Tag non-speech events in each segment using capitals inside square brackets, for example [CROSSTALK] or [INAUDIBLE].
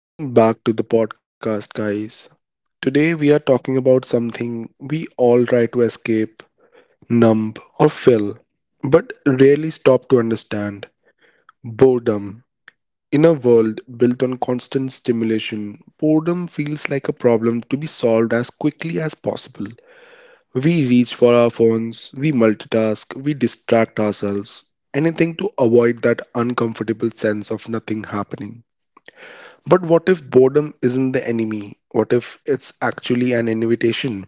Welcome back to the podcast, guys. Today we are talking about something we all try to escape, numb, or fill, but rarely stop to understand boredom. In a world built on constant stimulation, boredom feels like a problem to be solved as quickly as possible. We reach for our phones, we multitask, we distract ourselves, anything to avoid that uncomfortable sense of nothing happening. But what if boredom isn't the enemy? What if it's actually an invitation?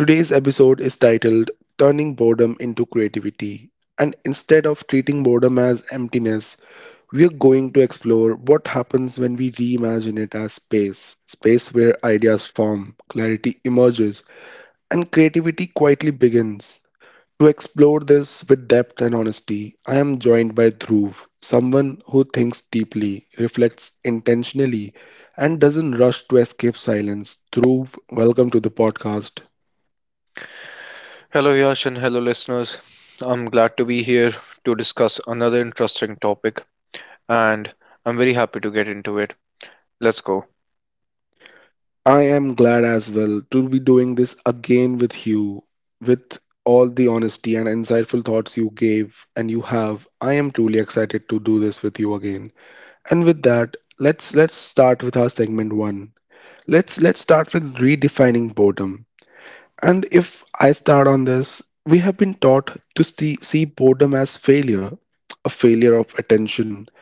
Today's episode is titled Turning Boredom into Creativity. And instead of treating boredom as emptiness, we are going to explore what happens when we reimagine it as space space where ideas form, clarity emerges, and creativity quietly begins. To explore this with depth and honesty, I am joined by Dhruv, someone who thinks deeply, reflects intentionally, and doesn't rush to escape silence. Dhruv, welcome to the podcast. Hello, Yash, and hello, listeners. I'm glad to be here to discuss another interesting topic, and I'm very happy to get into it. Let's go. I am glad as well to be doing this again with you. With all the honesty and insightful thoughts you gave and you have, I am truly excited to do this with you again. And with that, let's start with our segment 1. Let's start with redefining boredom. And if I start on this, we have been taught to see boredom as failure, a failure of attention,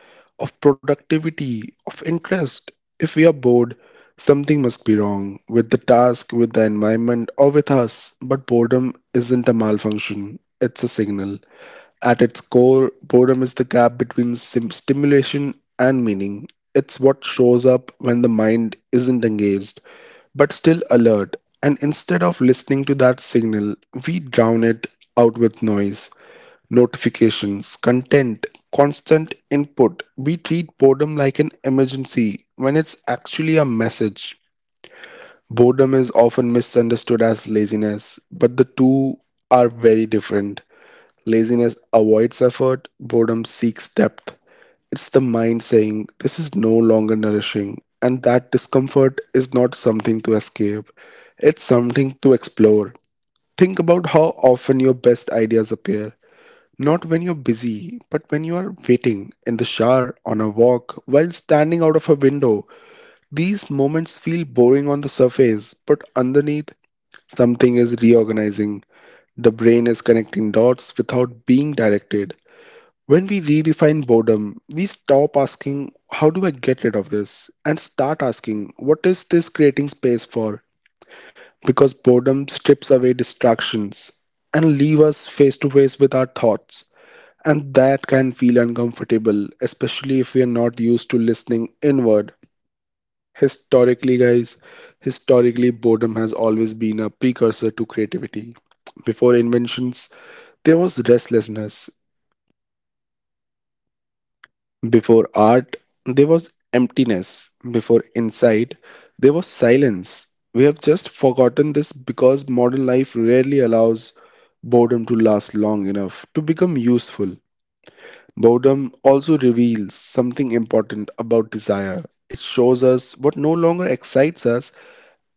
of productivity, of interest. If we are bored, something must be wrong with the task, with the environment, or with us. But boredom isn't a malfunction, it's a signal. At its core, boredom is the gap between stimulation and meaning. It's what shows up when the mind isn't engaged, but still alert. And instead of listening to that signal, we drown it out with noise notifications, content, constant input. We treat boredom like an emergency when it's actually a message. Boredom is often misunderstood as laziness, but the two are very different. Laziness avoids effort, boredom seeks depth. It's the mind saying, this is no longer nourishing, and that discomfort is not something to escape, it's something to explore. Think about how often your best ideas appear. Not when you're busy, but when you are waiting, in the shower, on a walk, while standing out of a window. These moments feel boring on the surface, but underneath, something is reorganizing. The brain is connecting dots without being directed. When we redefine boredom, we stop asking, how do I get rid of this? And start asking, what is this creating space for? Because boredom strips away distractions and leave us face to face with our thoughts. And that can feel uncomfortable, especially if we are not used to listening inward. Historically, guys, Historically, boredom has always been a precursor to creativity. Before inventions, there was restlessness. Before art, there was emptiness. Before insight, there was silence. We have just forgotten this because modern life rarely allows boredom to last long enough to become useful. Boredom also reveals something important about desire. It shows us what no longer excites us,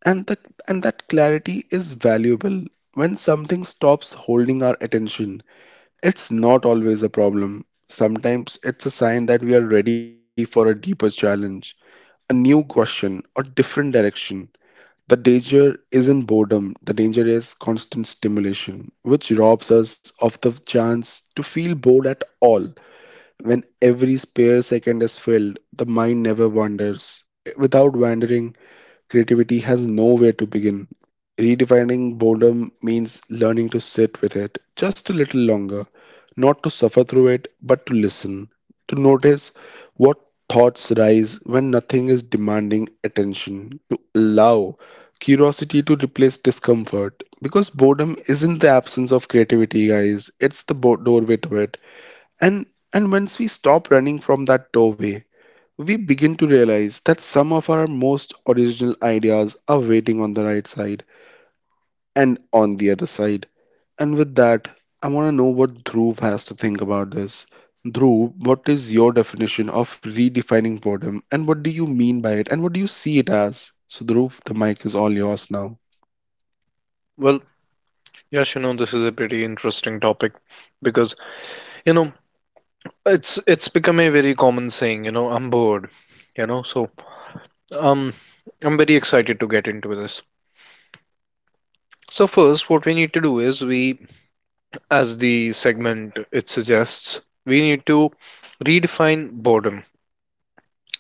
and, the, and that clarity is valuable. When something stops holding our attention, it's not always a problem. Sometimes it's a sign that we are ready for a deeper challenge, a new question, or different direction. The danger isn't boredom, the danger is constant stimulation, which robs us of the chance to feel bored at all. When every spare second is filled, the mind never wanders. Without wandering, creativity has nowhere to begin. Redefining boredom means learning to sit with it just a little longer, not to suffer through it, but to listen, to notice what thoughts rise when nothing is demanding attention, to allow curiosity to replace discomfort. Because boredom isn't the absence of creativity, guys, it's the doorway to it. And and once we stop running from that doorway, we begin to realize that some of our most original ideas are waiting on the right side and on the other side. And with that, I want to know what Dhruv has to think about this. Dhruv, what is your definition of redefining boredom and what do you mean by it and what do you see it as? So Dhruv, the mic is all yours now. Well, Yash, you know, this is a pretty interesting topic because, you know, it's become a very common saying, you know, I'm bored, you know, so um, I'm very excited to get into this. So first, what we need to do is we, as the segment it suggests, we need to redefine boredom.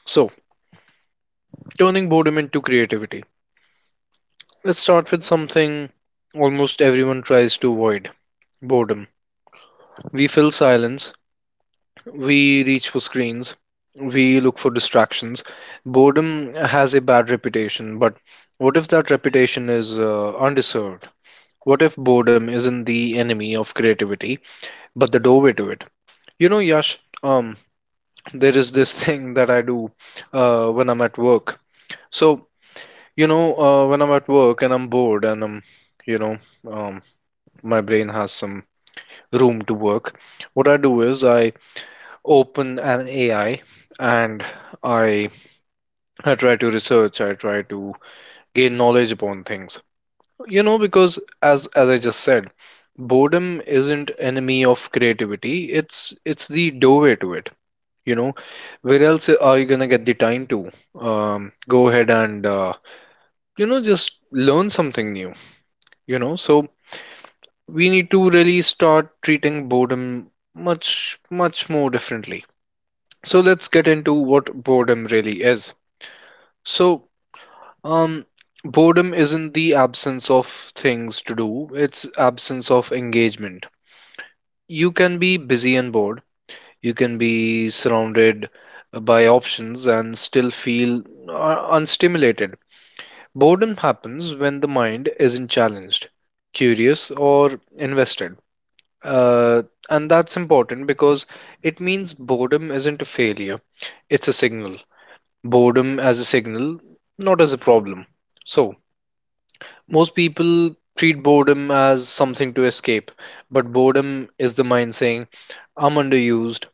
So, turning boredom into creativity. Let's start with something almost everyone tries to avoid boredom. We fill silence, we reach for screens, we look for distractions. Boredom has a bad reputation, but what if that reputation is undeserved? What if boredom isn't the enemy of creativity, but the doorway to it? You know, Yash, there is this [LAUGHS] thing that I do when I'm at work. So, you know, when I'm at work and I'm bored and I'm, you know, um, my brain has some room to work. What I do is I open an AI and I I try to research, I try to gain knowledge upon things. You know, because as I just said, boredom isn't enemy of creativity. It's the doorway to it. You know, where else are you gonna get the time to go ahead and you know just learn something new? You know, so we need to really start treating boredom much much more differently. So let's get into what boredom really is. So, um, boredom isn't the absence of things to do, it's absence of engagement. You can be busy and bored. You can be surrounded by options and still feel unstimulated. Boredom happens when the mind isn't challenged, curious, or invested. Uh, and that's important because it means boredom isn't a failure, it's a signal, boredom as a signal, not as a problem. So, most people treat boredom as something to escape, but boredom is the mind saying, "I'm underused,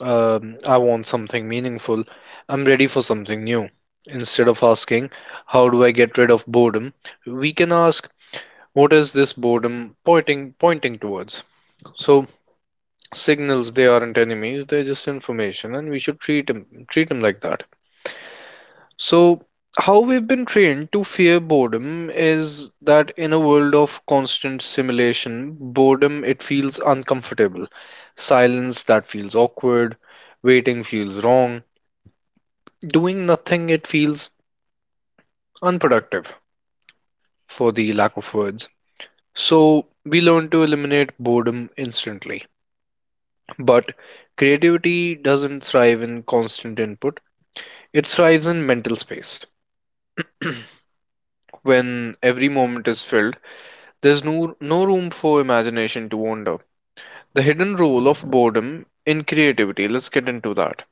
I want something meaningful, I'm ready for something new." Instead of asking, "How do I get rid of boredom?" we can ask, "What is this boredom pointing towards?" So, signals, they aren't enemies, they're just information, and we should treat them like that. So, how we've been trained to fear boredom is that in a world of constant simulation, boredom it feels uncomfortable. Silence that feels awkward, waiting feels wrong, doing nothing it feels unproductive for the lack of words. So, we learn to eliminate boredom instantly. But creativity doesn't thrive in constant input. It thrives in mental space when every moment is filled. There's no room for imagination to wander. The hidden role of boredom in creativity, let's get into that.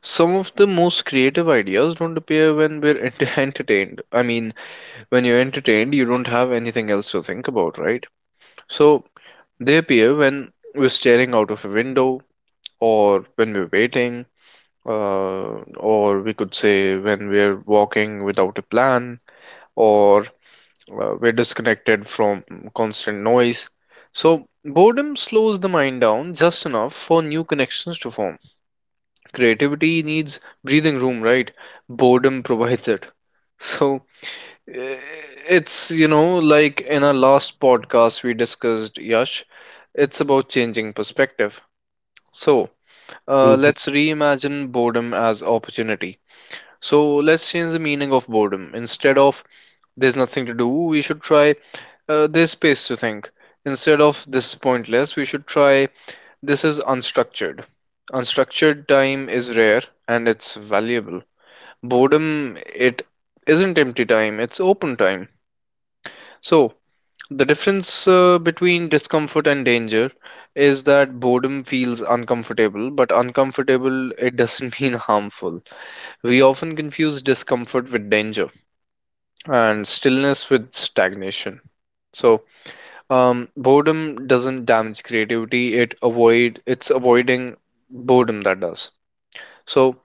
Some of the most creative ideas don't appear when [LAUGHS] entertained. I mean, when you're entertained, you don't have anything else to think about, right? So they appear when we're staring out of a window, or when we're waiting, or we could say when we're walking without a plan, or we're disconnected from constant noise. So, boredom slows the mind down just enough for new connections to form. Creativity needs breathing room, right? Boredom provides it. So, eh, it's, you know, like in our last podcast we discussed, Yash, it's about changing perspective. So, let's reimagine boredom as opportunity. So, let's change the meaning of boredom. Instead of "there's nothing to do," we should try "there's space to think." Instead of "this is pointless," we should try "this is unstructured." Unstructured time is rare and it's valuable. Boredom, it isn't empty time, it's open time. So, the difference between discomfort and danger is that boredom feels uncomfortable, but uncomfortable, it doesn't [LAUGHS] mean harmful. We often confuse discomfort with danger and stillness with stagnation. So, boredom doesn't damage creativity, it's avoiding boredom that does. So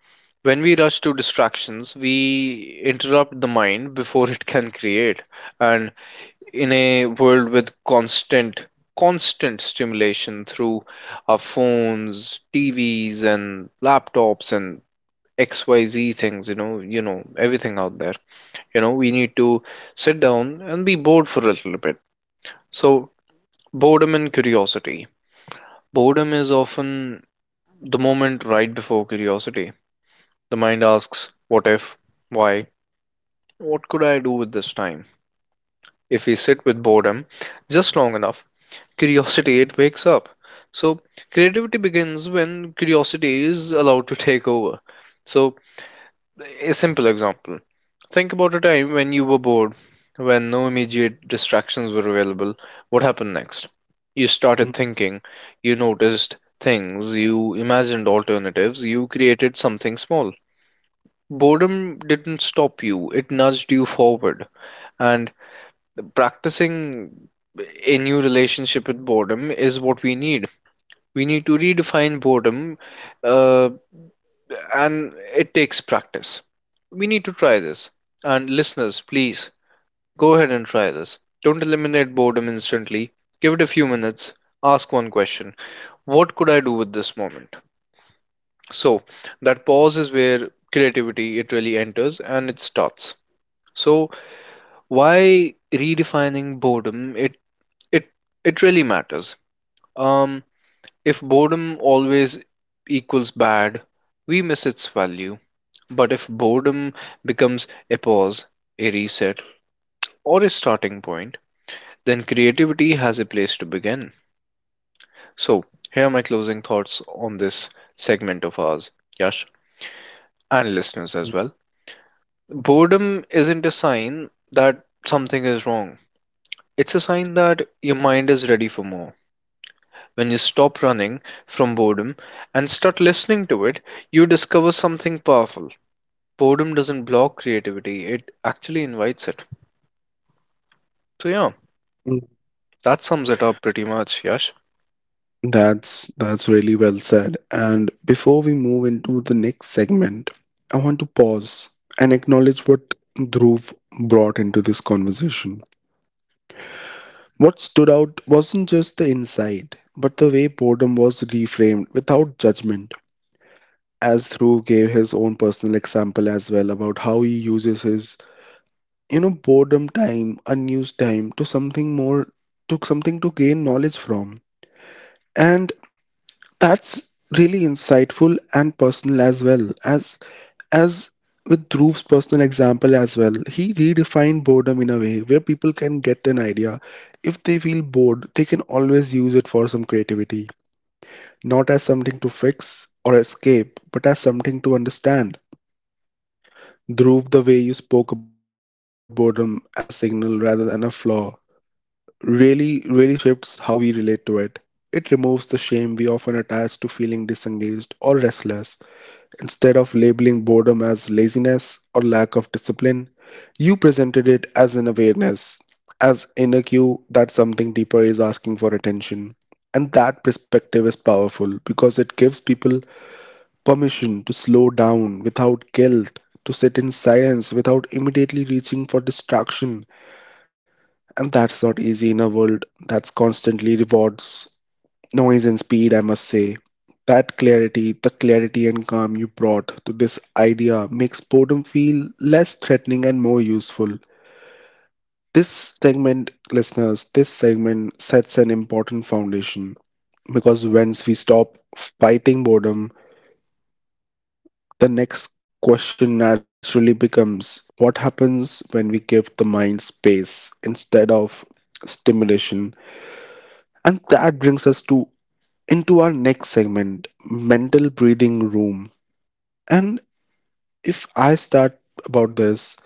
when we rush to distractions, we interrupt the mind before it can create. And in a world with constant stimulation through our phones, TVs and laptops and XYZ things, you know, everything out there. You know, we need to sit down and be bored for a little bit. So, boredom and curiosity. Boredom is often the moment right before curiosity. The mind asks, "What if? Why? What could I do with this time?" If we sit with boredom just long enough, curiosity it wakes up. So creativity begins when curiosity is allowed to [LAUGHS] take over. So, a simple example. Think about a time when you were bored, when no immediate distractions were available. What happened next? You started thinking, you noticed things, you imagined alternatives, you created something small. Boredom didn't stop you, it nudged you forward. And practicing a new relationship with boredom is what we need. We need to redefine boredom uh, and it takes practice. We need to try this. And listeners, please go ahead and try this. Don't eliminate boredom instantly. Give it a few minutes. Ask one question: what could I do with this moment? So, that pause is where creativity it really enters and it starts. So, why redefining boredom? It it really matters. Um, if boredom always equals bad, we miss its value. But if boredom becomes a pause, a reset, or a starting point, then creativity has a place to begin. So, here are my closing thoughts on this segment of ours, Yash, and listeners as well. Boredom isn't a sign that something is wrong, it's a sign that your mind is ready for more. When you stop running from boredom and start listening to it, you discover something powerful. Boredom doesn't block creativity, it actually invites it. So, yeah. [LAUGHS] That sums it up pretty much, Yash. That's really well said. And before we move into the next segment, I want to pause and acknowledge what Dhruv brought into this conversation. What stood out wasn't just the insight, but the way boredom was reframed without judgment. As Dhruv gave his own personal example as well about how he uses his, boredom time, unused time to something more, to something to gain knowledge from. And that's really insightful and personal as well as with Dhruv's personal example as well. He redefined boredom in a way where people can get an idea. If they feel bored, they can always use it for some creativity, not as something to fix or escape, but as something to understand. Dhruv, the way you spoke about boredom as a signal rather than a flaw, really, really shifts how we relate to it. It removes the shame we often attach to feeling disengaged or restless. Instead of labeling boredom as laziness or lack of discipline, you presented it as an awareness, as inner cue that something deeper is asking for attention. And that perspective is powerful because it gives people permission to slow down without guilt, to sit in silence without immediately reaching for distraction. And that's not easy in a world that's constantly rewards noise and speed, I must say. That clarity, the clarity and calm you brought to this idea makes boredom feel less threatening and more useful. Listeners, this segment sets an important foundation because once we stop fighting boredom, the next question naturally becomes what happens when we give the mind space instead of stimulation? And that brings us to into our next segment, mental breathing room. And if I start about this,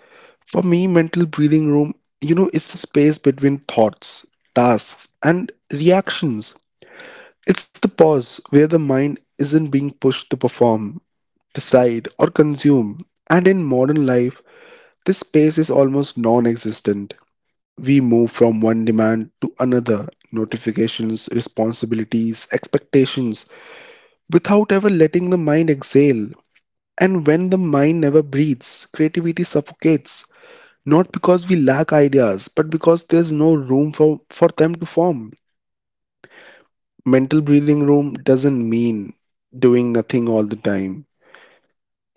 for me, mental breathing room, you know, is the space between thoughts, tasks, and reactions. It's the pause where the mind isn't being pushed to perform, decide, or consume. And in modern life, this space is almost non existent. We move from one demand to another notifications, responsibilities, expectations without ever letting the mind exhale. And when the mind never breathes, creativity suffocates, not because we lack ideas, but because there's no room for them to form. Mental breathing room doesn't mean doing nothing all the time.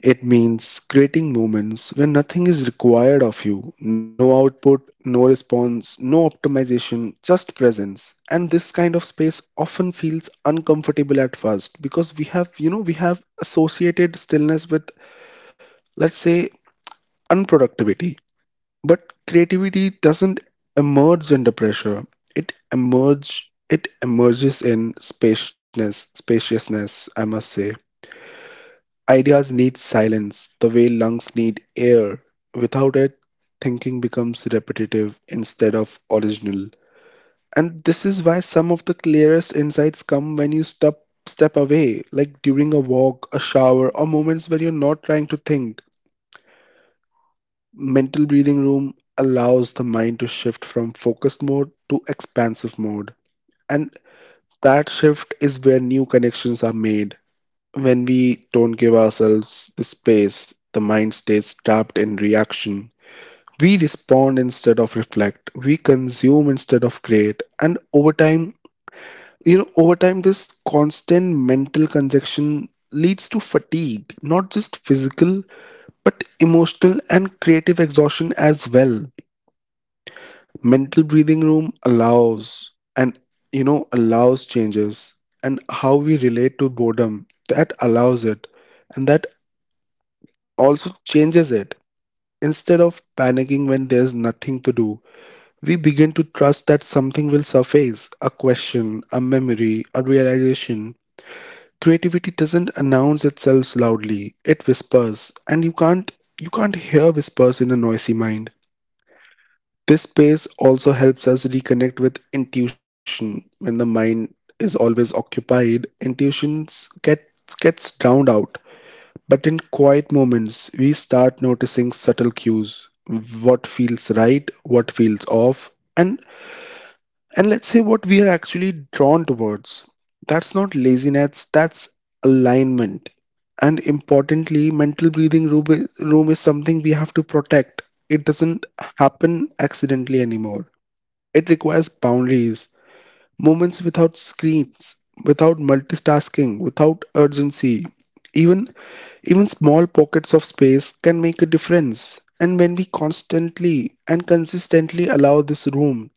It means creating moments when nothing is required of you no output, no response, no optimization, just presence. And this kind of space often feels uncomfortable at first because we have, you know, we have associated stillness with, let's say, unproductivity. But creativity doesn't emerge under pressure. It emerges in spaciousness spaciousness, I must say. Ideas need silence, the way lungs need air. Without it, thinking becomes repetitive instead of original. And this is why some of the clearest insights come when you step away, like during a walk, a shower, or moments when you're not trying to think. Mental breathing room allows the mind to shift from focused mode to expansive mode. And that shift is where new connections are made. When we don't give ourselves the space, the mind stays trapped in reaction. We respond instead of reflect. We consume instead of create. And over time, this constant mental congestion leads to fatigue, not just physical, but emotional and creative exhaustion as well. Mental breathing room allows and you know allows changes and how we relate to boredom that allows it and that also changes it instead of panicking when there's nothing to do we begin to trust that something will surface a question a memory a realization. Creativity doesn't announce itself loudly it whispers and you can't hear whispers in a noisy mind. This space also helps us reconnect with intuition. When the mind is always occupied, gets drowned out. But in quiet moments, we start noticing subtle cues what feels right, what feels off, and, and let's say what we are actually drawn towards. That's not laziness, that's alignment. And importantly, mental breathing room is something we have to protect. It doesn't happen accidentally anymore. It requires boundaries, moments without screens, without multitasking, without urgency. Even even small pockets of space can make a difference. And when we constantly and consistently allow this room,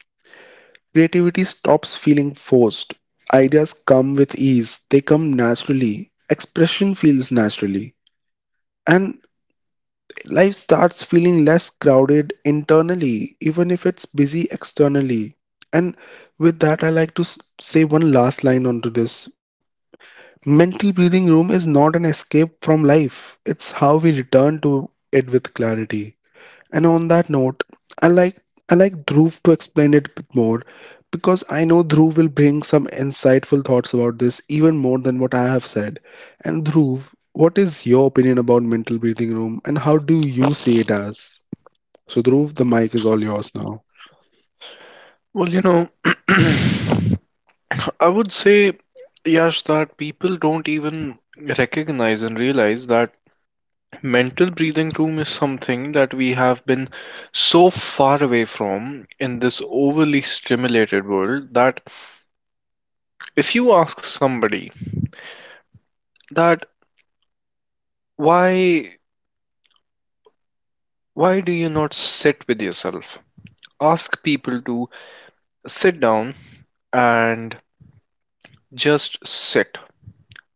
creativity stops feeling forced. Ideas come with ease, they come naturally. Expression feels naturally. And life starts feeling less crowded internally, even if it's busy externally. And with that, I like to say one last line onto this. Mental breathing room is not an escape from life, it's how we return to it with clarity. And on that note, I like I like Dhruv to explain it a bit more because I know Dhruv will bring some insightful thoughts about this even more than what I have said. And Dhruv, what is your opinion about mental breathing room and how do you see it as? So Dhruv, the mic is all yours now. Well, you know, [CLEARS THROAT] I would say, Yash, that people don't even recognize and realize that mental breathing room is something that we have been so far away from in this overly stimulated world that if you ask somebody that why why do you not sit with yourself? Ask people to sit down and just sit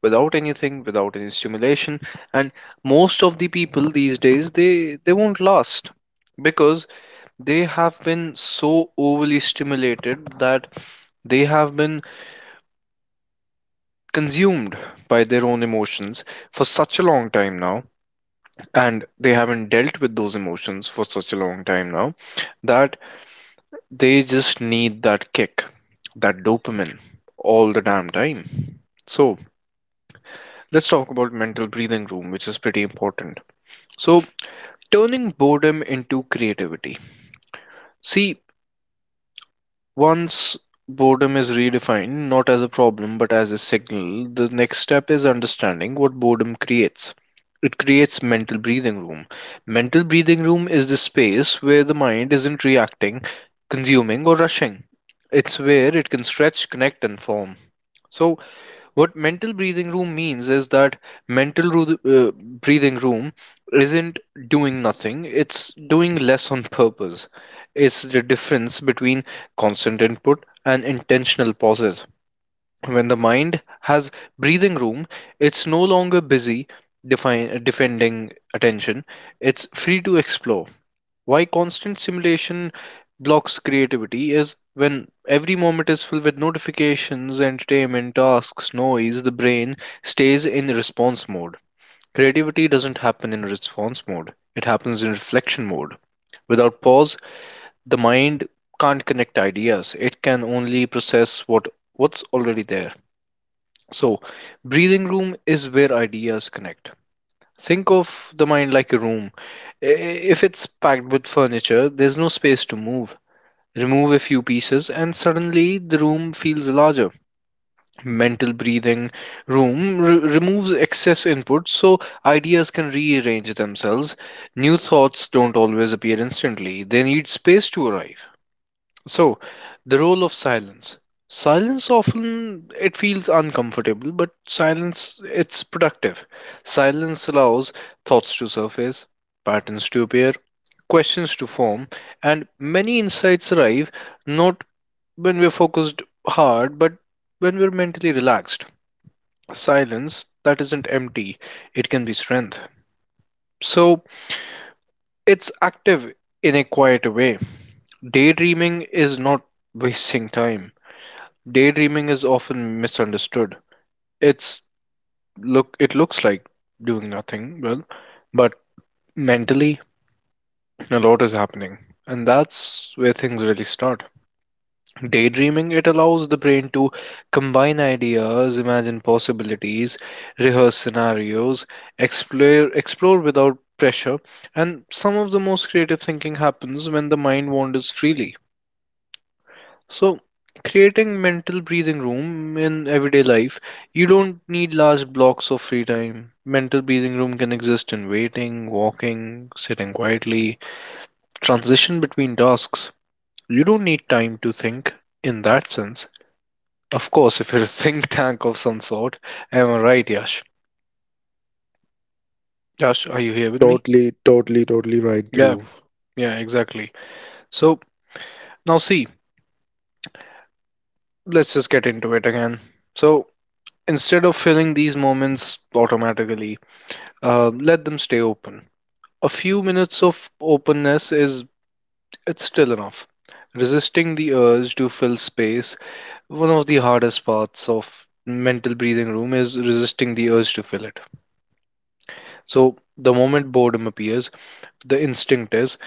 without anything, without any stimulation, and most of the people these days they won't last because they have been so overly stimulated that they have been consumed by their own emotions for such a long time now, and they haven't dealt with those emotions for such a long time now, that they just need that kick, that dopamine, all the damn time. So let's talk about mental breathing room, which is pretty important. So, turning boredom into creativity. See, once boredom is redefined not as a problem but as a signal, the next step is understanding what boredom creates. It creates mental breathing room. Mental breathing room is the space where the mind isn't reacting, consuming, or rushing. It's where it can stretch, connect, and form. So, what mental breathing room means is that breathing room isn't doing nothing, it's doing less on purpose. It's the difference between constant input and intentional pauses. When the mind has breathing room, it's no longer busy defending attention, it's free to explore. Why constant simulation blocks creativity is when every moment is filled with notifications, entertainment, tasks, noise, the brain stays in response mode. Creativity doesn't happen in response mode, it happens in reflection mode. Without pause, the mind can't connect ideas. It can only process what's already there. So, breathing room is where ideas connect. Think of the mind like a room. I- If it's packed with furniture, there's no space to move. Remove a few pieces, and suddenly the room feels larger. Mental breathing room removes excess input so ideas can rearrange themselves. New thoughts don't always appear instantly, they need space to arrive. So, the role of silence. Silence often it feels uncomfortable, but silence it's productive. Silence allows thoughts to surface, patterns to appear, questions to form, and many insights arrive not when we're focused hard, but when we're mentally relaxed. Silence that isn't empty, it can be strength. So, it's active in a quieter way. Daydreaming is not wasting time. Daydreaming is often misunderstood. It's look it looks like doing nothing, well, but mentally a lot is happening. And that's where things really start. Daydreaming it allows the brain to combine ideas, imagine possibilities, rehearse scenarios, explore without pressure, and some of the most creative thinking happens when the mind wanders freely. So, creating mental breathing room in everyday life, you don't need large blocks of free time. Mental breathing room can exist in waiting, walking, sitting quietly, transition between tasks. You don't need time to think in that sense. Of course, if you're a [LAUGHS] think tank of some sort, am I right, Yash? Yash, are you here with me? Totally, totally, totally right, Yeah, Dhruv. yeah, exactly. So, now see, let's just get into it again. So, instead of filling these moments automatically, let them stay open. A few minutes of openness is it's still enough. Resisting the urge to fill space, one of the hardest parts of mental breathing room is resisting the urge to fill it. So the moment boredom appears, the instinct is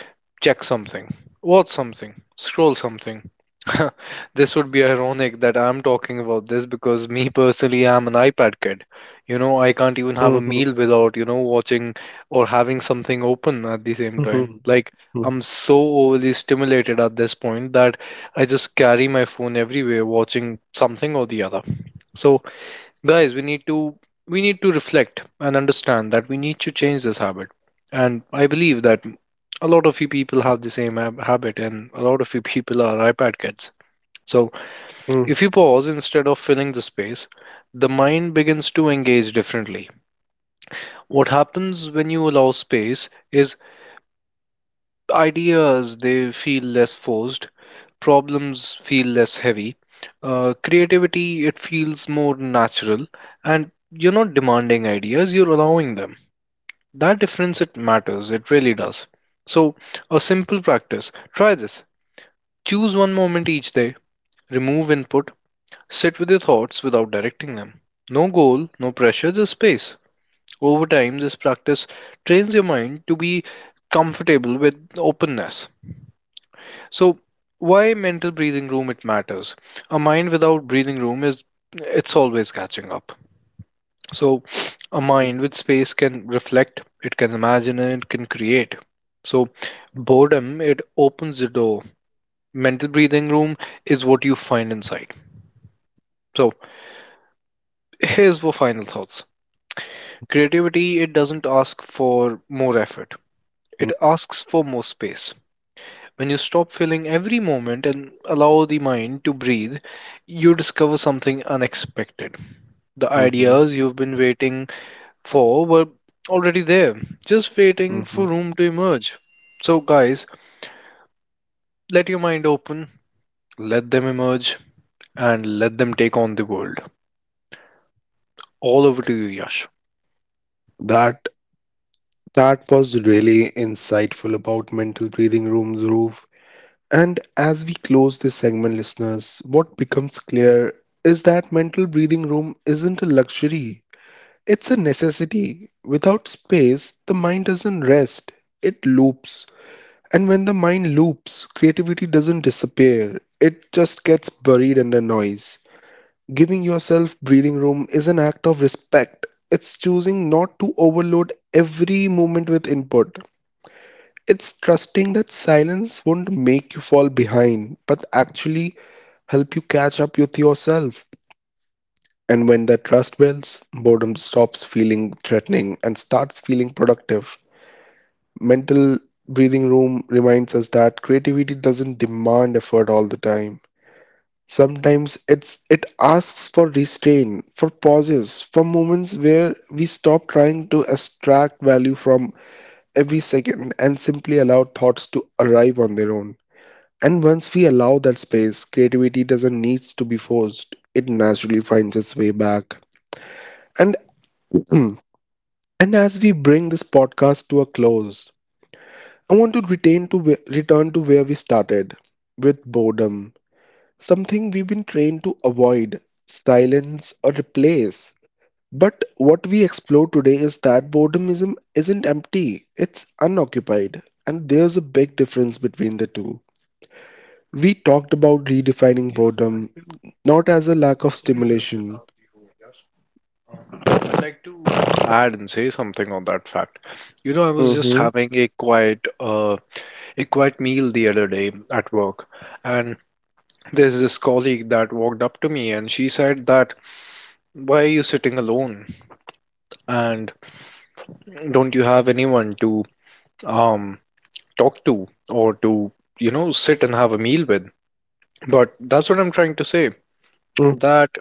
check something, watch something, scroll something. [LAUGHS] This would be ironic that I'm talking about this because me personally, I'm an iPad kid. You know, I can't even have a Mhm, meal without, watching or having something open at the same time. mhm, Like, I'm so overly stimulated at this point that I just carry my phone everywhere, watching something or the other. So, guys, we need to reflect and understand that we need to change this habit. And I believe that a lot of you people have the same habit, and a lot of you people are iPad kids. So mhm, if you pause instead of filling the space, the mind begins to engage differently. What happens when you allow space is ideas, they feel less forced, problems feel less heavy, creativity, it feels more natural. And you're not demanding ideas, you're allowing them. That difference, it matters, it really does. So a simple practice, try this. Choose one moment each day, remove input, sit with your thoughts without directing them. No goal, no pressure, just space. Over time, this practice trains your mind to be comfortable with openness. So, why mental breathing room, it matters? A mind without breathing room is it's always catching up. So, a mind with space can reflect, it can imagine, and it can create. So, boredom, it opens the door. Mental breathing room is what you find inside. So, here's for final thoughts. Creativity, it doesn't ask for more effort. It mhm, asks for more space. When you stop filling every moment and allow the mind to breathe, you discover something unexpected. The mhm, ideas you've been waiting for were already there, just waiting for mhm. room to emerge. So, guys, let your mind open, let them emerge, and let them take on the world. All over to you, Yash. That that was really insightful about mental breathing room, Dhruv. And as we close this segment, listeners, what becomes clear is that mental breathing room isn't a luxury, it's a necessity. Without space, the mind doesn't rest, it loops. And when the mind loops, creativity doesn't disappear, it just gets buried under noise. Giving yourself breathing room is an act of respect. It's choosing not to overload every moment with input. It's trusting that silence won't make you fall behind, but actually help you catch up with yourself. And when that trust builds, boredom stops feeling threatening and starts feeling productive. Mental breathing room reminds us that creativity doesn't demand effort all the time. Sometimes it asks for restraint, for pauses, for moments where we stop trying to extract value from every second and simply allow thoughts to arrive on their own. And once we allow that space, creativity doesn't need to be forced. It naturally finds its way back. And [CLEARS THROAT] and as we bring this podcast to a close, I want to return to where we started with boredom, something we've been trained to avoid, silence or replace. But what we explore today is that boredom isn't empty, it's unoccupied, and there's a big difference between the two. We talked about redefining You know, I'd like boredom, to, not as a lack I'm of sorry to stimulation. interrupt you, yes. I'd like to add and say something on that fact. You know, I was just Hmm. having a quiet meal the other day at work, and there's this colleague that walked up to me and she said that, "Why are you sitting alone? And don't you have anyone to um talk to or to, you know, sit and have a meal with?" But that's what I'm trying to say. Hmm. That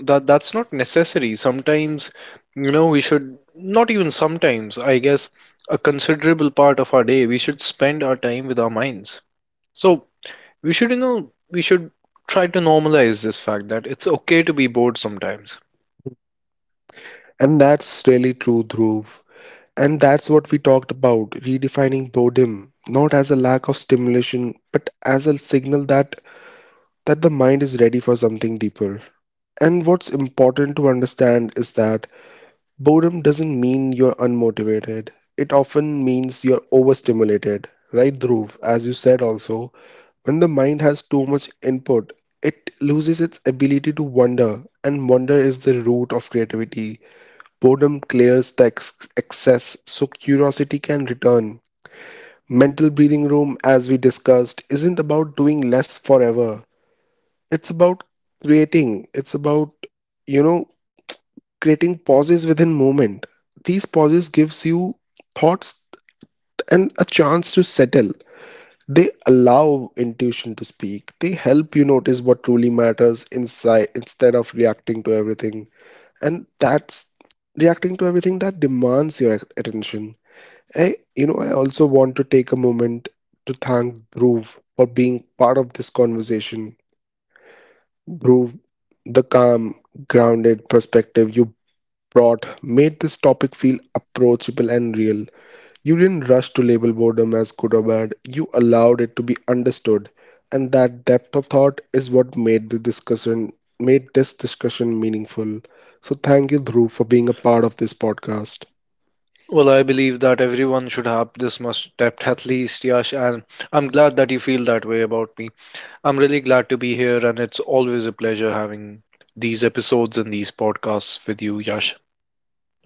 that's not necessary sometimes. You know, we should not, even sometimes I guess a considerable part of our day, we should spend our time with our minds. So we should, you know, we should try to normalize this fact that it's okay to be bored sometimes. And that's really true, Dhruv. And that's what we talked about, redefining boredom, not as a lack of stimulation, but as a signal that the mind is ready for something deeper. And what's important to understand is that boredom doesn't mean you're unmotivated. It often means you're overstimulated, right, Dhruv? As you said also, when the mind has too much input, it loses its ability to wonder, and wonder is the root of creativity. Boredom clears the excess, so curiosity can return. Mental breathing room, as we discussed, isn't about doing less forever. It's about creating. It's about, you know, creating pauses within movement. These pauses gives you thoughts and a chance to settle. They allow intuition to speak. They help you notice what truly matters inside instead of reacting to everything. And that's reacting to everything that demands your attention. I, I also want to take a moment to thank Dhruv for being part of this conversation. Dhruv, the calm, grounded perspective you brought made this topic feel approachable and real. You didn't rush to label boredom as good or bad, you allowed it to be understood. And that depth of thought is what made the discussion made this discussion meaningful. So thank you, Dhruv, for being a part of this podcast. Well, I believe that everyone should have this much depth at least, Yash. And I'm glad that you feel that way about me. I'm really glad to be here, and it's always a pleasure having these episodes and these podcasts with you, Yash.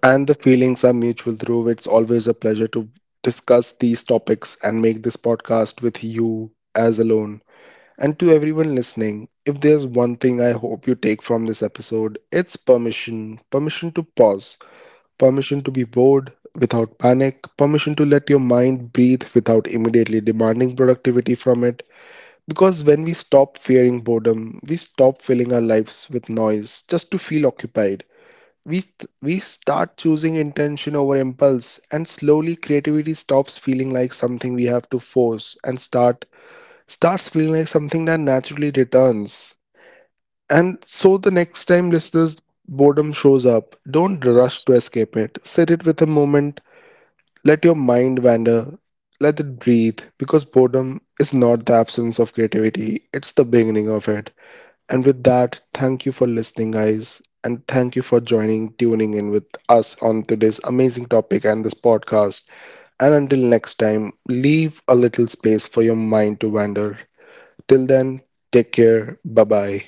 And the feelings are mutual, Dhruv. It's always a pleasure to discuss these topics and make this podcast with you as alone. And to everyone listening, if there's one thing I hope you take from this episode, it's permission to pause, permission to be bored without panic, permission to let your mind breathe without immediately demanding productivity from it. Because when we stop fearing boredom, we stop filling our lives with noise just to feel occupied. We, we start choosing intention over impulse, and slowly creativity stops feeling like something we have to force and starts feeling like something that naturally returns. And so the next time listeners boredom shows up, don't rush to escape it. Sit it with a moment, let your mind wander, let it breathe, because boredom is not the absence of creativity, it's the beginning of it. And with that, thank you for listening, guys, and thank you for joining, tuning in with us on today's amazing topic and this podcast. And until next time, leave a little space for your mind to wander. Till then, take care. Bye bye.